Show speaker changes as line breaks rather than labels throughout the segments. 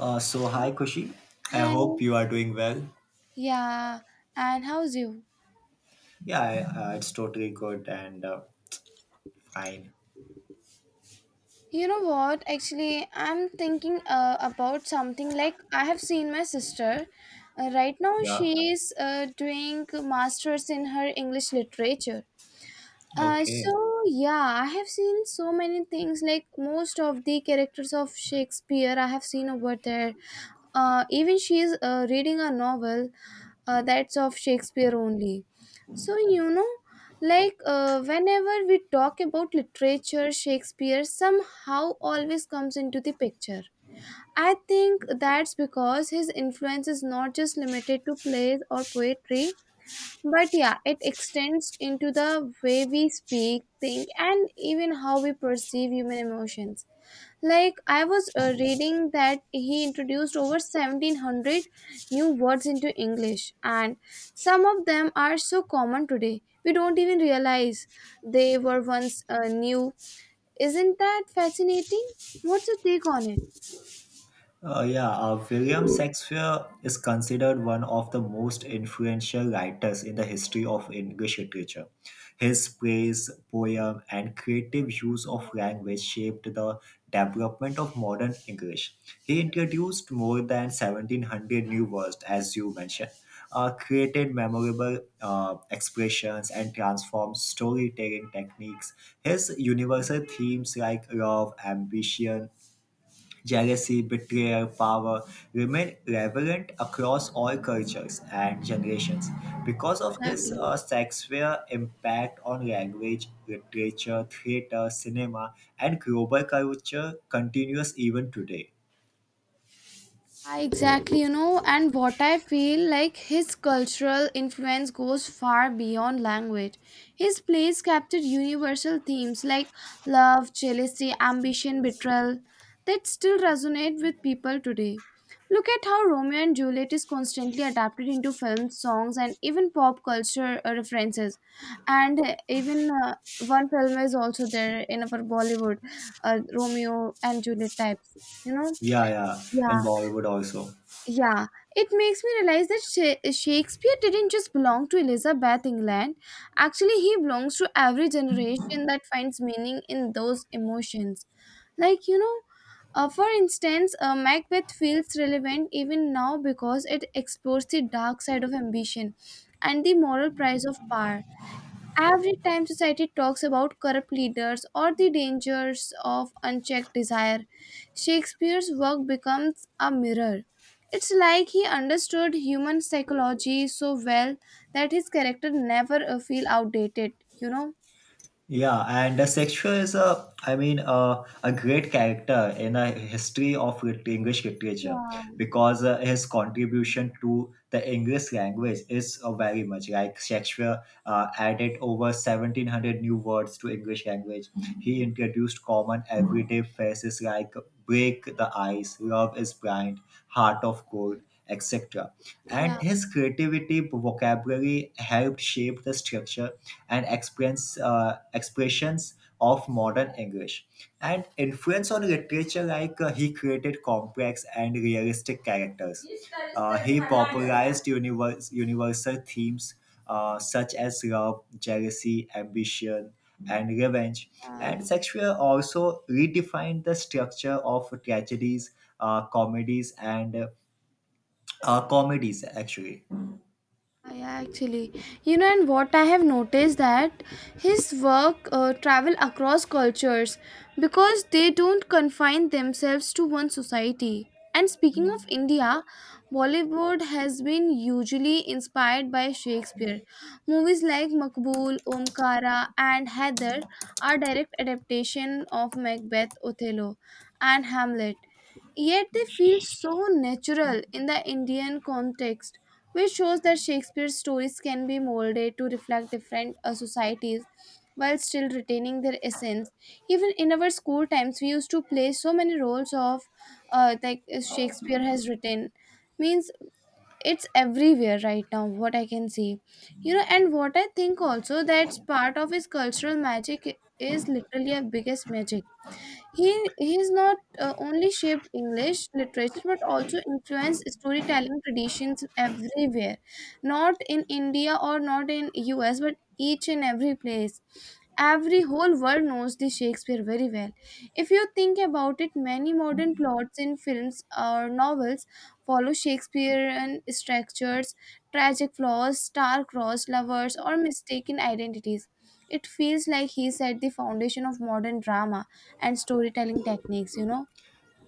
So
So,
hi Kushi, I
hi,
hope you are doing well.
yeah, and how's you?
Yeah, it's totally good and fine.
You know what? Actually, I'm thinking about something like I have seen my sister. Right now,
Yeah,
she's doing masters in her English literature. Uh,
okay.
so yeah, I have seen so many things like most of the characters of Shakespeare I have seen over there. Even she is reading a novel that's of Shakespeare only. So, like whenever we talk about literature, Shakespeare somehow always comes into the picture. I think that's because his influence is not just limited to plays or poetry, but yeah, it extends into the way we speak, think, and even how we perceive human emotions. Like I was reading that he introduced over 1700 new words into English, and some of them are so common today we don't even realize they were once new. Isn't that fascinating? What's your take on it?
Yeah, William Shakespeare is considered one of the most influential writers in the history of English literature. His praise, poem, and creative use of language shaped the development of modern English. He introduced more than 1700 new words, as you mentioned, created memorable expressions, and transformed storytelling techniques. His universal themes like love, ambition, jealousy, betrayal, power remain relevant across all cultures and generations. Because of this,
Exactly.
Shakespeare's impact on language, literature, theater, cinema, and global culture continues even today.
Ah, exactly, and what I feel like, his cultural influence goes far beyond language. His plays captured universal themes like love, jealousy, ambition, betrayal that still resonate with people today. Look at how Romeo and Juliet is constantly adapted into films, songs, and even pop culture references. And even one film is also there in our Bollywood, Romeo and Juliet types, you know.
Yeah, yeah, in
Yeah,
Bollywood also.
yeah, it makes me realize that Shakespeare didn't just belong to Elizabeth England. Actually, he belongs to every generation that finds meaning in those emotions. Like, for instance, Macbeth feels relevant even now because it explores the dark side of ambition and the moral price of power. Every time society talks about corrupt leaders or the dangers of unchecked desire, Shakespeare's work becomes a mirror. It's like he understood human psychology so well that his character never feel outdated, you know?
Yeah, and Shakespeare is a, I mean, a great character in a history of English literature
Yeah,
because his contribution to the English language is very much like Shakespeare added over 1700 new words to English language. He introduced common everyday phrases like break the ice, love is blind, heart of gold etc. And
yeah,
his creativity vocabulary helped shape the structure and expressions of modern English. And influence on literature, like he created complex and realistic characters. He popularized universal themes such as love, jealousy, ambition, and revenge. And
yeah.
Shakespeare also redefined the structure of tragedies, comedies, and comedies actually.
Yeah, yeah, actually, and what I have noticed that his work travel across cultures because they don't confine themselves to one society. And speaking of India, Bollywood has been hugely inspired by Shakespeare. Movies like Makbul, Omkara, and Heather are direct adaptation of Macbeth, Othello, and Hamlet. Yet they feel so natural in the Indian context, which shows that Shakespeare's stories can be molded to reflect different societies while still retaining their essence. Even in our school times, we used to play so many roles of like Shakespeare has written. Means it's everywhere right now, what I can see. You know, and what I think, also, that's part of his cultural magic, is literally a biggest magic. He's not only shaped English literature but also influenced storytelling traditions everywhere, not in India or not in US, but each and every place. Every whole world knows the Shakespeare very well. If you think about it, many modern plots in films or novels follow Shakespearean structures, tragic flaws, star-crossed lovers, or mistaken identities it Feels like he set the foundation of modern drama and storytelling techniques.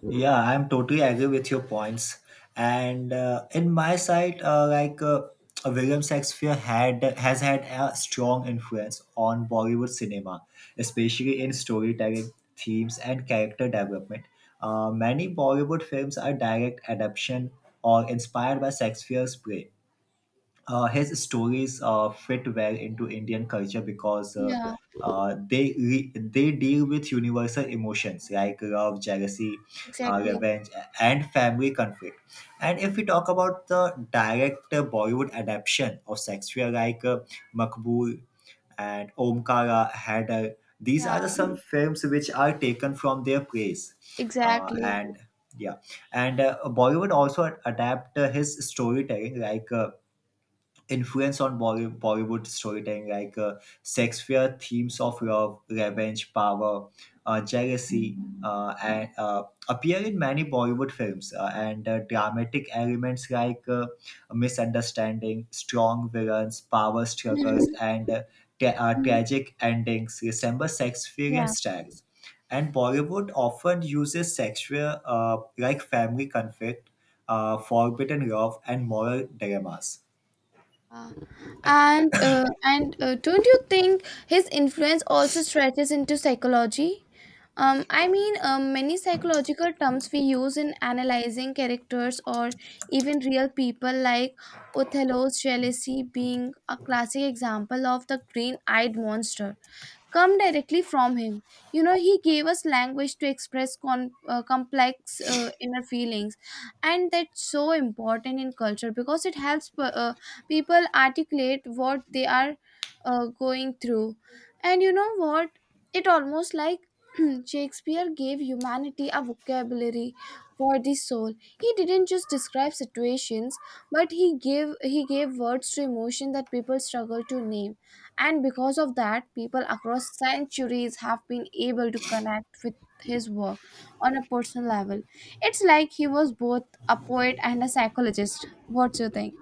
Yeah, I'm totally agree with your points, and in my side like William Shakespeare had a strong influence on Bollywood cinema, especially in storytelling themes and character development. Many Bollywood films are direct adaptation or inspired by Shakespeare's play. His stories fit well into Indian culture because
Yeah,
they deal with universal emotions like love, jealousy,
exactly.
revenge, and family conflict. And if we talk about the direct Bollywood adaptation of Shakespeare, like Makbul and Omkara, Hadar, these
Yeah,
are the some films which are taken from their plays,
exactly.
and yeah, and Bollywood also adapt his storytelling like. Influence on Bollywood storytelling, like Shakespeare themes of love, revenge, power, jealousy, and appear in many Bollywood films. And dramatic elements like misunderstanding, strong villains, power struggles, and
Mhm.
tragic endings resemble Shakespearean
Yeah.
styles. And Bollywood often uses Shakespeare like family conflict, forbidden love, and moral dilemmas.
Uh, and Don't you think his influence also stretches into psychology? I mean, many psychological terms we use in analyzing characters or even real people, like Othello's jealousy being a classic example of the green eyed monster, come directly from him. You know, he gave us language to express complex inner feelings, and that's so important in culture because it helps people articulate what they are going through. And you know what? It almost like Shakespeare gave humanity a vocabulary for the soul. He didn't just describe situations, but he gave words to emotion that people struggle to name, and because of that, people across centuries have been able to connect with his work on a personal level. It's like he was both a poet and a psychologist. What's your thing?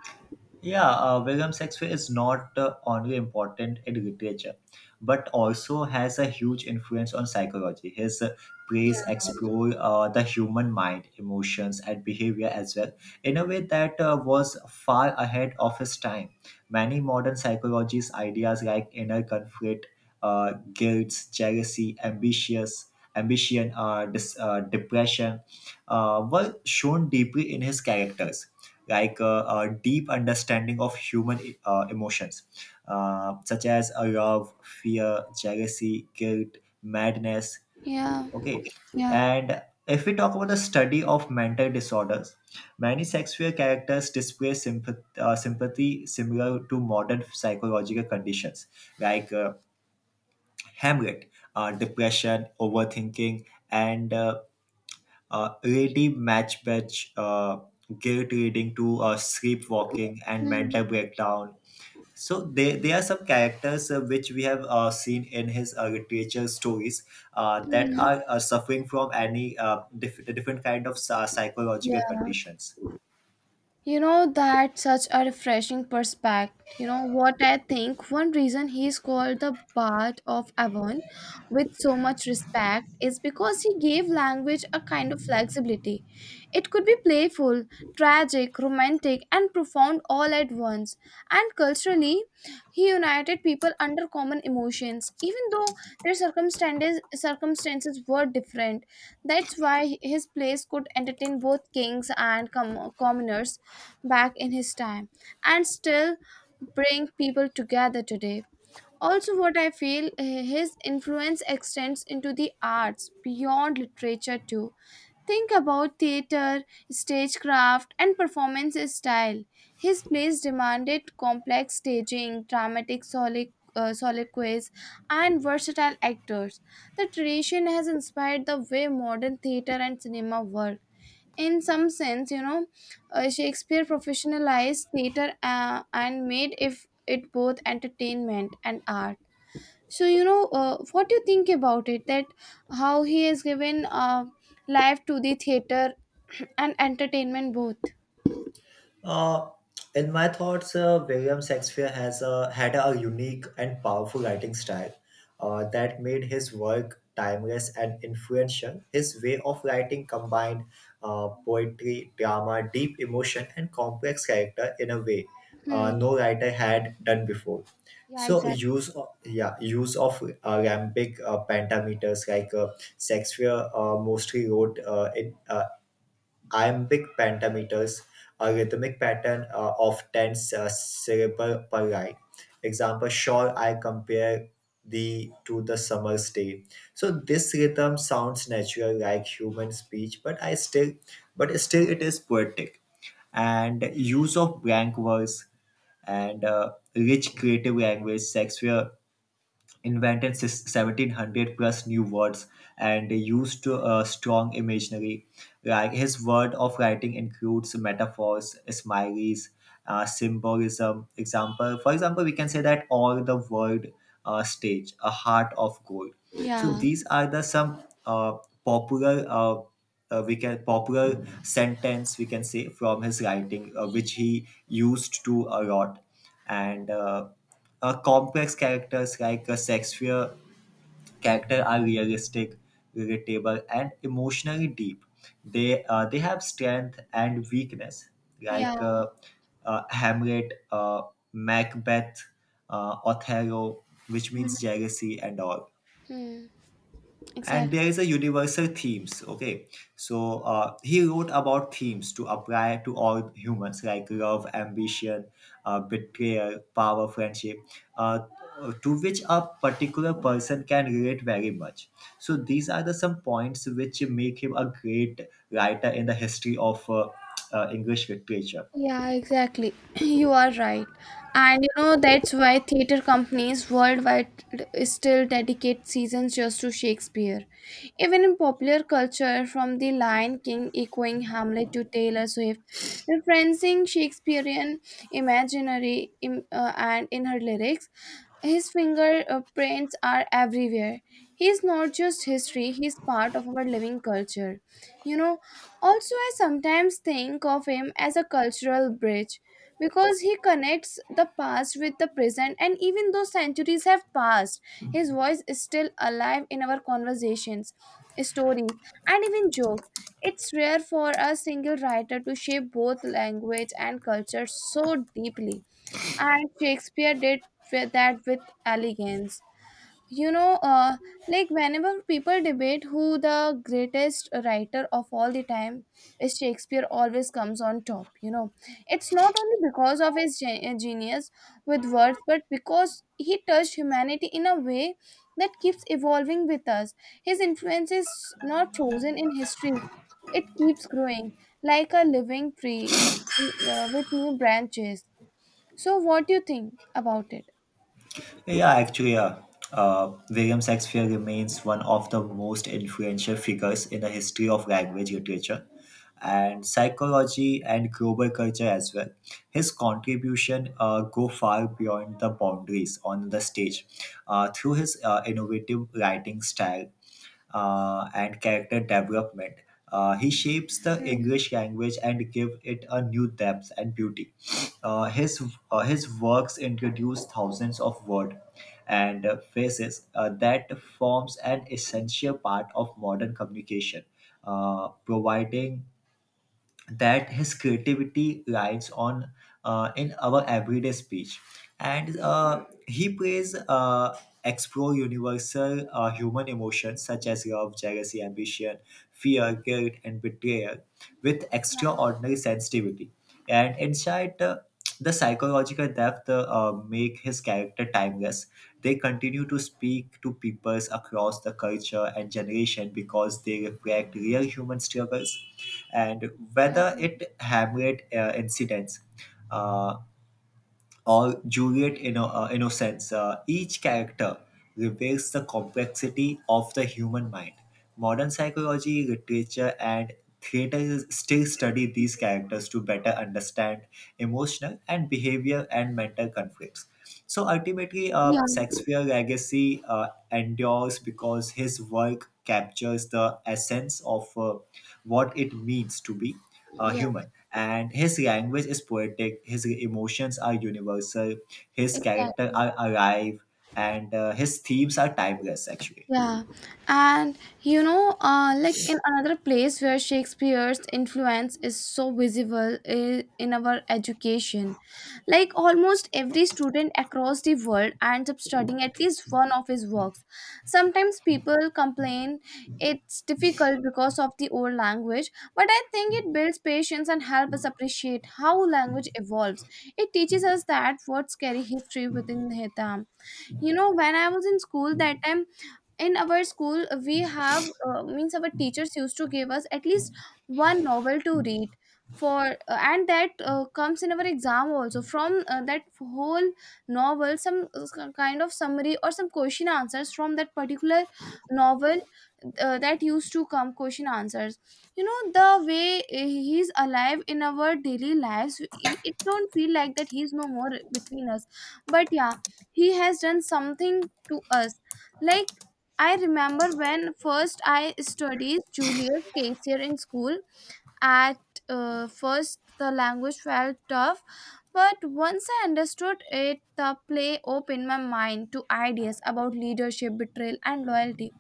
Yeah, William Shakespeare is not only important in literature, but also has a huge influence on psychology. His
Yeah.
plays explore the human mind, emotions, and behavior as well in a way that was far ahead of his time. Many modern psychologies' ideas like inner conflict, guilt, jealousy, ambition, depression, were shown deeply in his characters like a deep understanding of human emotions, such as love, fear, jealousy, guilt, madness.
Yeah,
Okay,
yeah.
and if we talk about the study of mental disorders, many Shakespeare characters display sympathy similar to modern psychological conditions like Hamlet, depression, overthinking, and ready match batch guilt reading to sleepwalking and
Mhm.
mental breakdown. So they are some characters which we have seen in his literature stories that
Mhm.
are suffering from any diff- different kind of psychological
Yeah.
conditions.
You know, that's such a refreshing perspective. You know what I think? One reason he's called the Bard of Avon with so much respect is because he gave language a kind of flexibility. It could be playful, tragic, romantic, and profound all at once. And culturally, he united people under common emotions, even though their circumstances were different. That's why his plays could entertain both kings and commoners back in his time and still bring people together today. Also, what I feel, his influence extends into the arts beyond literature too. Think about theater, stagecraft, and performance style. His plays demanded complex staging, dramatic soliloquies, and versatile actors. The tradition has inspired the way modern theater and cinema work in some sense. Shakespeare professionalized theater and made if it both entertainment and art. So what do you think about it, that how he has given life to the theater and entertainment both?
Uh, in my thoughts, William Shakespeare has had a unique and powerful writing style that made his work timeless and influential. His way of writing combined poetry, drama, deep emotion, and complex character in a way
Hmm.
no writer had done before.
Yeah,
So
exactly.
yeah, use of iambic pentameters like Shakespeare mostly wrote in iambic pentameters, a rhythmic pattern of 10 syllables per line. Example, sure, I compare thee to the summer's day. So this rhythm sounds natural like human speech, but still it is poetic. And use of blank verse and rich creative language, Shakespeare invented 1700 plus new words and used a strong imaginary. Like his word of writing includes metaphors, smileys, symbolism. For example, we can say that all the world stage, a heart of gold. So
Yeah,
these are the some popular we can popular sentence we can say from his writing which he used to a lot, and complex characters like a Shakespeare character are realistic, relatable, and emotionally deep. They have strength and weakness
yeah.
like Hamlet, Macbeth, Othello, which
Mhm.
means jealousy and all.
Hmm.
And
Exactly.
there is a universal themes. Okay, so he wrote about themes to apply to all humans like love, ambition, betrayal, power, friendship, uh, to which a particular person can relate very much. So these are the some points which make him a great writer in the history of English literature.
Yeah, exactly. You are right. And you know, that's why theater companies worldwide still dedicate seasons just to Shakespeare. Even in popular culture, from The Lion King echoing Hamlet to Taylor Swift referencing Shakespearean imaginary and in her lyrics, his fingerprints are everywhere. He's not just history, he's part of our living culture. You know, also, I sometimes think of him as a cultural bridge because he connects the past with the present, and even though centuries have passed, his voice is still alive in our conversations, stories, and even jokes. It's rare for a single writer to shape both language and culture so deeply, and Shakespeare did with that with elegance you know uh, like, whenever people debate who the greatest writer of all the time is, Shakespeare always comes on top. It's not only because of his genius with words, but because he touched humanity in a way that keeps evolving with us. His influence is not frozen in history, it keeps growing like a living tree, with new branches. So what do you think about it?
Yeah, yeah, actually, William Shakespeare remains one of the most influential figures in the history of language literature and psychology and global culture as well. His contribution go far beyond the boundaries on the stage through his innovative writing style and character development. He shapes the
Mm.
English language and give it a new depth and beauty. Uh, his his works introduce thousands of words and phrases that forms an essential part of modern communication, providing that his creativity lies on in our everyday speech. And he plays explore universal human emotions such as love, jealousy, ambition, fear, guilt, and betrayal with extraordinary sensitivity and insight. The psychological depth make his character timeless. They continue to speak to peoples across the culture and generation because they reflect real human struggles. And
Yeah.
whether it Hamlet incidents, uh, or Juliet Innocence. Each character reveals the complexity of the human mind. Modern psychology, literature, and theater still study these characters to better understand emotional and behavior and mental conflicts. So ultimately,
Yeah,
Shakespeare's legacy endures because his work captures the essence of what it means to be
yeah.
human. And his language is poetic, his emotions are universal, his character
Exactly.
are alive, and his themes are timeless, actually.
Yeah. And you know, like in another place where Shakespeare's influence is so visible is in our education. Like almost every student across the world ends up studying at least one of his works. Sometimes people complain it's difficult because of the old language, but I think it builds patience and helps us appreciate how language evolves. It teaches us that words carry history within them. When I was in school, that time in our school, we have means our teachers used to give us at least one novel to read for and that comes in our exam also, from that whole novel, some kind of summary or some question answers from that particular novel, that used to come question answers. You know, the way he is alive in our daily lives, it don't feel like that he's no more between us. But yeah, he has done something to us. Like, I remember when first I studied Julius Caesar in school. At first, the language felt tough, but once I understood it, the play opened my mind to ideas about leadership, betrayal, and loyalty.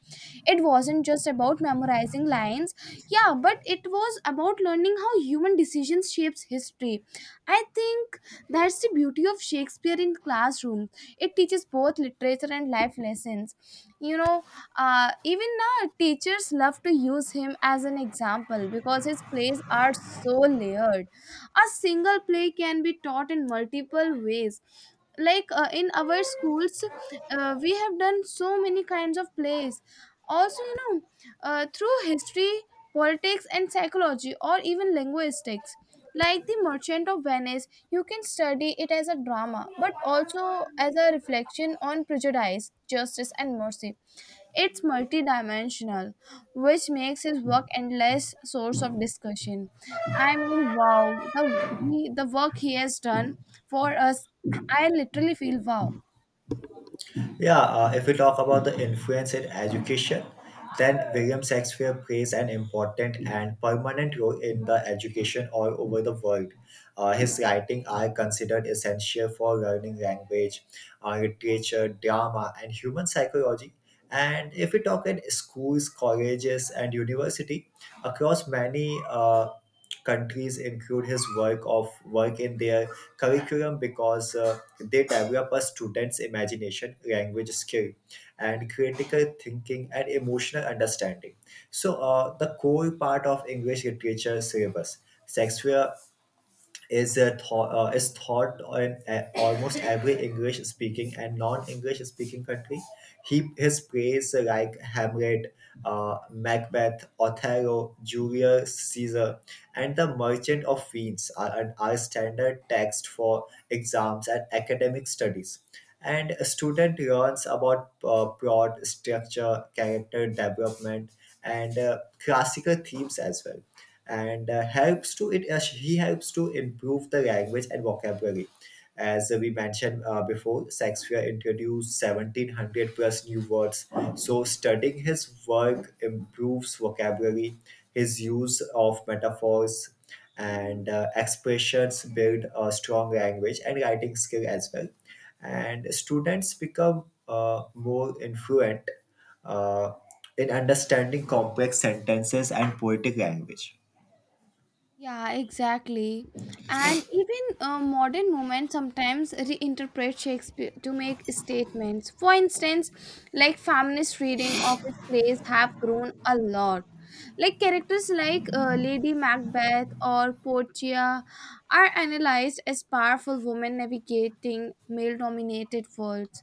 It wasn't just about memorizing lines, yeah, but it was about learning how human decisions shapes history. I think that's the beauty of Shakespeare in classroom. It teaches both literature and life lessons. You know, even now teachers love to use him as an example because his plays are so layered. A single play can be taught in multiple ways, like in our schools we have done so many kinds of plays also, through history, politics, and psychology, or even linguistics. Like The Merchant of Venice, you can study it as a drama but also as a reflection on prejudice, justice, and mercy. It's multidimensional, which makes his work endless source of discussion. I mean, wow, the work he has done for us, I literally feel wow.
Yeah, if we talk about the influence in education, then William Shakespeare plays an important and permanent role in the education all over the world. His writing are considered essential for learning language, literature, drama, and human psychology. And if we talk in schools, colleges, and university across many countries, include his work of work in their curriculum because they develop a student's imagination, language skill, and critical thinking and emotional understanding. So, the core part of English literature syllabus. Shakespeare is taught in a, almost every English speaking and non English speaking country. He his plays like Hamlet, Macbeth, Othello, Julius Caesar, and The Merchant of Venice are standard text for exams and academic studies. And a student learns about plot structure, character development, and classical themes as well, and helps to it he helps to improve the language and vocabulary. As we mentioned before, Shakespeare introduced 1700 plus new words, so studying his work improves vocabulary. His use of metaphors and expressions build a strong language and writing skill as well, and students become more influent uh, in understanding complex sentences and poetic language.
Yeah, exactly. And even modern women sometimes reinterpret Shakespeare to make statements. For instance, like, feminist reading of his plays have grown a lot. Like characters like Lady Macbeth or Portia are analyzed as powerful women navigating male-dominated worlds.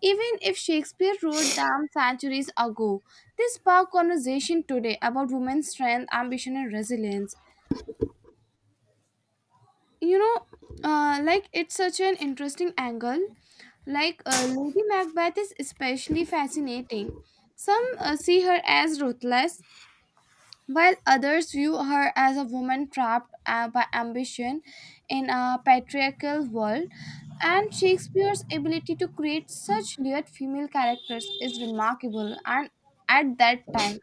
Even if Shakespeare wrote them centuries ago, they spark conversation today about women's strength, ambition, and resilience. you know like it's such an interesting angle. Lady Macbeth is especially fascinating. Some see her as ruthless, while others view her as a woman trapped by ambition in a patriarchal world. And Shakespeare's ability to create such layered female characters is remarkable. And at that time,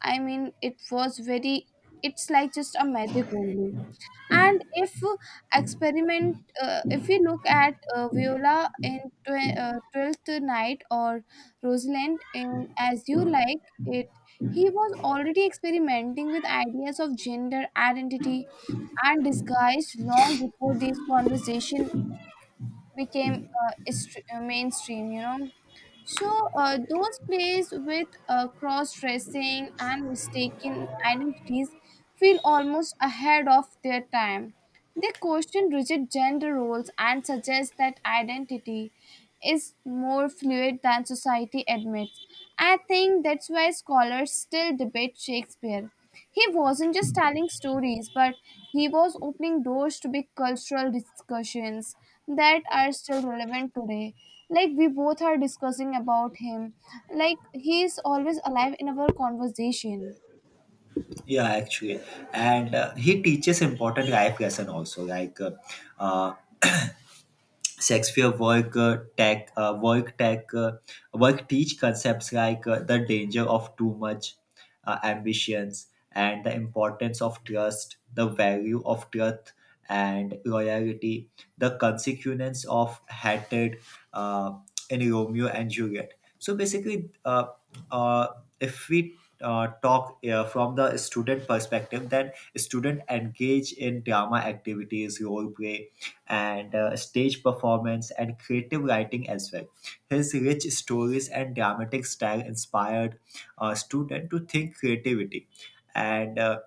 I mean, it was very, it's like just a magic only. And if we look at Viola in 12th Night or Rosalind in As You Like It, he was already experimenting with ideas of gender identity and disguise long before these conversation became mainstream. So those plays with cross dressing and mistaken identities feel almost ahead of their time. They question rigid gender roles and suggest that identity is more fluid than society admits. I think that's why scholars still debate Shakespeare. He wasn't just telling stories, but he was opening doors to big cultural discussions that are still relevant today. Like we both are discussing about him. Like he is always alive in our conversation.
Yeah, actually, and he teaches important life lesson also, like uh, Shakespeare work tech work tech work teach concepts like the danger of too much ambitions and the importance of trust, the value of truth and loyalty, the consequence of hatred uh, in Romeo and Juliet. So basically, uh, if we talk from the student perspective, then student engage in drama activities, role play, and stage performance and creative writing as well. His rich stories and dramatic style inspired students to think creativity. And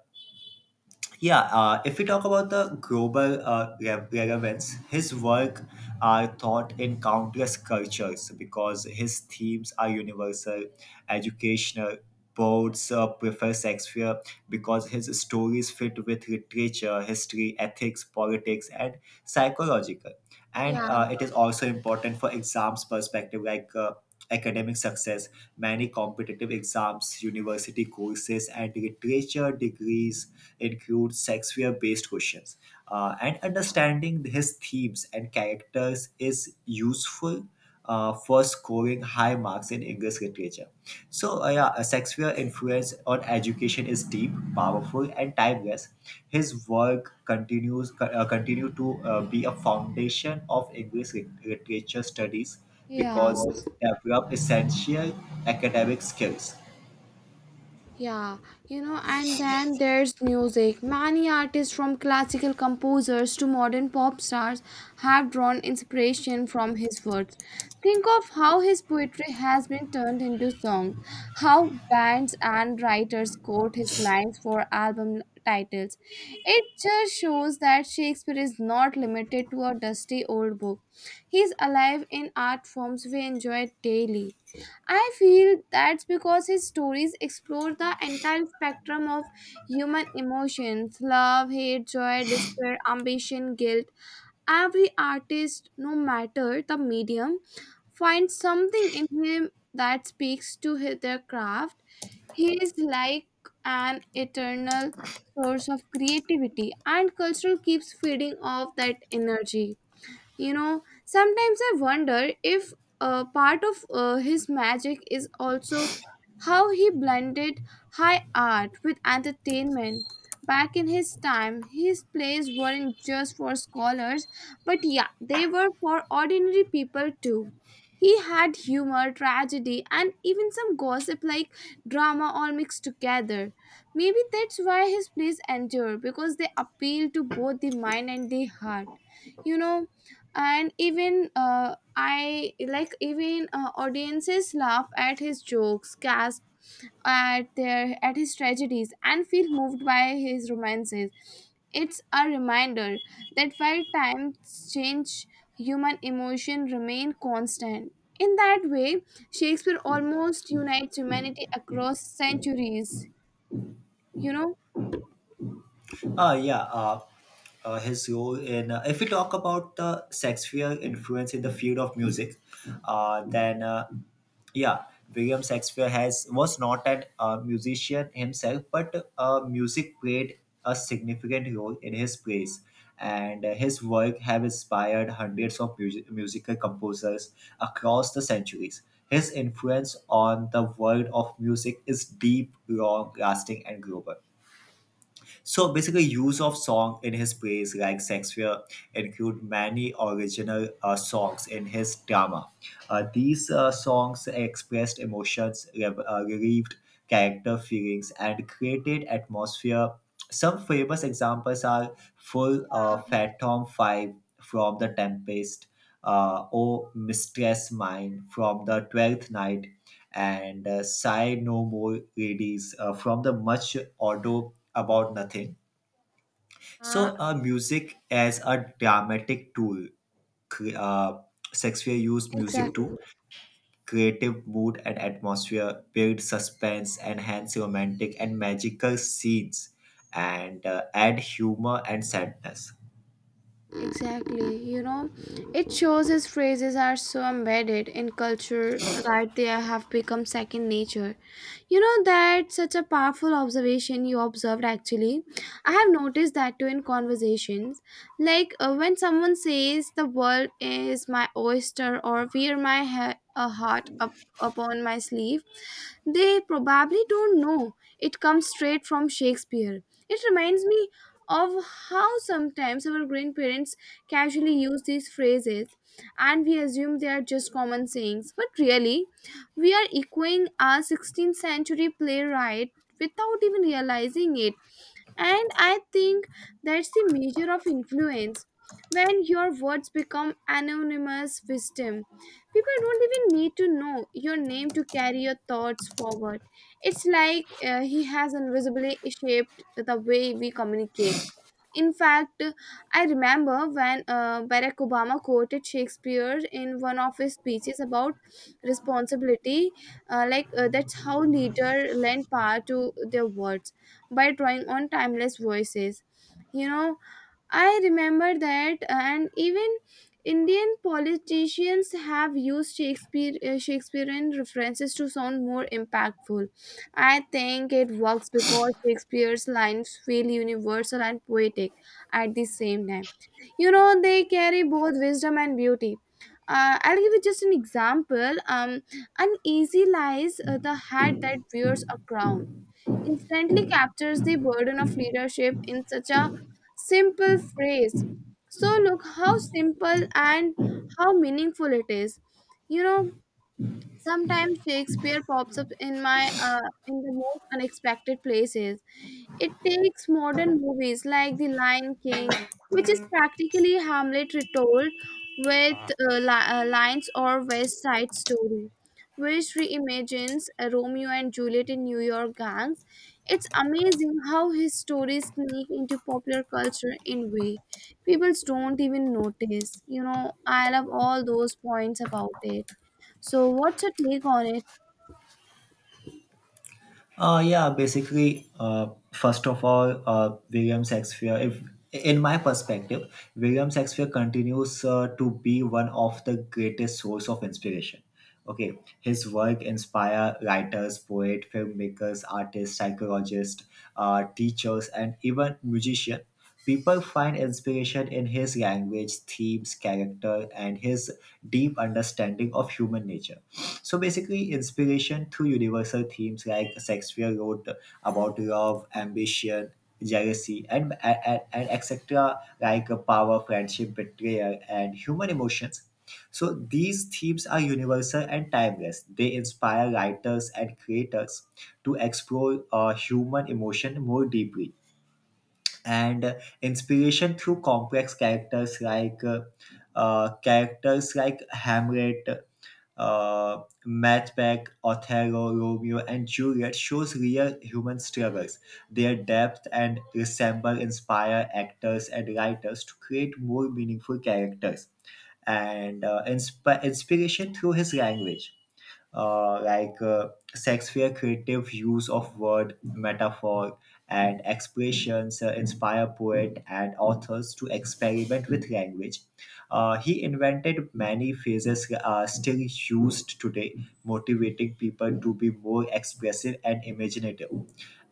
yeah, if we talk about the global relevance, his work are taught in countless cultures because his themes are universal, educational. Poets prefer Shakespeare because his stories fit with literature, history, ethics, politics, and psychological. And
Yeah,
it is also important for exams perspective, like academic success. Many competitive exams, university courses, and literature degrees includes Shakespeare-based questions, and understanding his themes and characters is useful for scoring high marks in English literature. So, yeah, Shakespeare's influence on education is deep, powerful, and timeless. His work continue to be a foundation of English literature studies
yeah.
because develop essential academic skills.
Yeah, you know, and then there's music. Many artists from classical composers to modern pop stars have drawn inspiration from his words. Think of how his poetry has been turned into songs, how bands and writers quote his lines for album titles. It just shows that Shakespeare is not limited to a dusty old book. He's alive in art forms we enjoy daily. I feel that's because his stories explore the entire spectrum of human emotions: love, hate, joy, despair, ambition, guilt. Every artist, no matter the medium, finds something in him that speaks to their craft. He is like an eternal source of creativity, and culture keeps feeding off that energy. You know, sometimes I wonder if a part of his magic is also how he blended high art with entertainment. Back in his time, his plays weren't just for scholars, but yeah, they were for ordinary people too. He had humor, tragedy, and even some gossip, like drama, all mixed together. Maybe that's why his plays endure, because they appeal to both the mind and the heart. You know and even I like even audiences laugh at his jokes, gasp at their at his tragedies, and feel moved by his romances. It's a reminder that while times change, human emotion remain constant. In that way, Shakespeare almost unites humanity across centuries, you know.
Yeah, if we talk about the Shakespeare influence in the field of music, then yeah, William Shakespeare has was not an musician himself, but music played a significant role in his plays, and his work have inspired hundreds of musical composers across the centuries. His influence on the world of music is deep, long, lasting, and global. So basically, use of song in his plays like Shakespeare include many original songs in his drama. These songs expressed emotions, relieved character feelings, and created atmosphere. Some famous examples are Full Phantom 5 from The Tempest, O Mistress Mine from The Twelfth Night, and Sigh No More Ladies from the much auto about nothing.
Uh,
So, music as a dramatic tool. cre- Uh, Shakespeare used music
exactly.
to creative mood and atmosphere, build suspense, enhance romantic and magical scenes, and add humor and sadness.
Exactly. You know, it shows his phrases are so embedded in culture that they have become second nature. You know, that's such a powerful observation you observed actually. I have noticed that too in conversations. Like when someone says, the world is my oyster, or wear my a heart up upon my sleeve, they probably don't know it comes straight from Shakespeare. It reminds me of how sometimes our grandparents casually use these phrases, and we assume they are just common sayings, but really we are echoing a 16th century playwright without even realizing it. And I think that's the measure of influence: when your words become anonymous wisdom, people don't even need to know your name to carry your thoughts forward. It's like he has invisibly shaped the way we communicate. In fact, I remember when Barack Obama quoted Shakespeare in one of his speeches about responsibility. That's how leader lend power to their words, by drawing on timeless voices. You know, I remember that. And even Indian politicians have used Shakespeare, Shakespearean references to sound more impactful. I think it works because Shakespeare's lines feel universal and poetic at the same time. You know, they carry both wisdom and beauty. I'll give you just an example. An lies the hat that wears a crown instantly captures the burden of leadership in such a simple phrase. So, look how simple and how meaningful it is. You know, sometimes Shakespeare pops up in my in the most unexpected places. It takes modern movies like The Lion King, which is practically Hamlet retold with lines, or West Side Story, which reimagines Romeo and Juliet in New York gangs. It's amazing how his stories sneak into popular culture in way people don't even notice. You know, I love all those points about it. So, what's your take on it?
Yeah, basically, first of all, William Shakespeare, if in my perspective, William Shakespeare continues to be one of the greatest source of inspiration. Okay, his work inspire writers, poets, filmmakers, artists, psychologists, teachers, and even musicians. People find inspiration in his language, themes, character, and his deep understanding of human nature. So basically, inspiration through universal themes like Shakespeare wrote about love, ambition, jealousy, and etc., like power, friendship, betrayal, and human emotions. So these themes are universal and timeless. They inspire writers and creators to explore human emotion more deeply, and inspiration through complex characters like Hamlet, Macbeth, Othello, Romeo, and Juliet shows real human struggles. Their depth and resemble inspire actors and writers to create more meaningful characters, and inspiration through his language, like Shakespeare creative use of word, metaphor, and expressions inspire poet and authors to experiment with language. He invented many phrases still used today, motivating people to be more expressive and imaginative,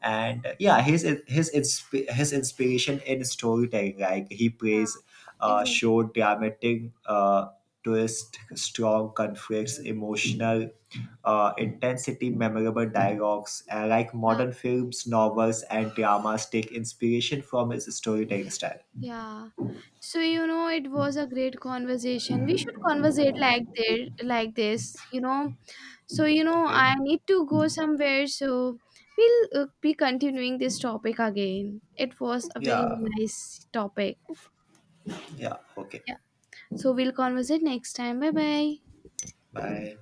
and yeah, his inspiration in storytelling like he
Yeah,
plays
exactly.
short dramatic twist strong conflicts emotional intensity memorable dialogues and like modern films, novels, and dramas take inspiration from his storytelling style.
Yeah. So, you know, it was a great conversation. We should conversate like there like this, you know. So, you know,
Okay,
I need to go somewhere, so we'll be continuing this topic again. It was a very
yeah,
nice topic.
yeah, okay,
Yeah. So, we'll conversate next time. Bye-bye.
bye.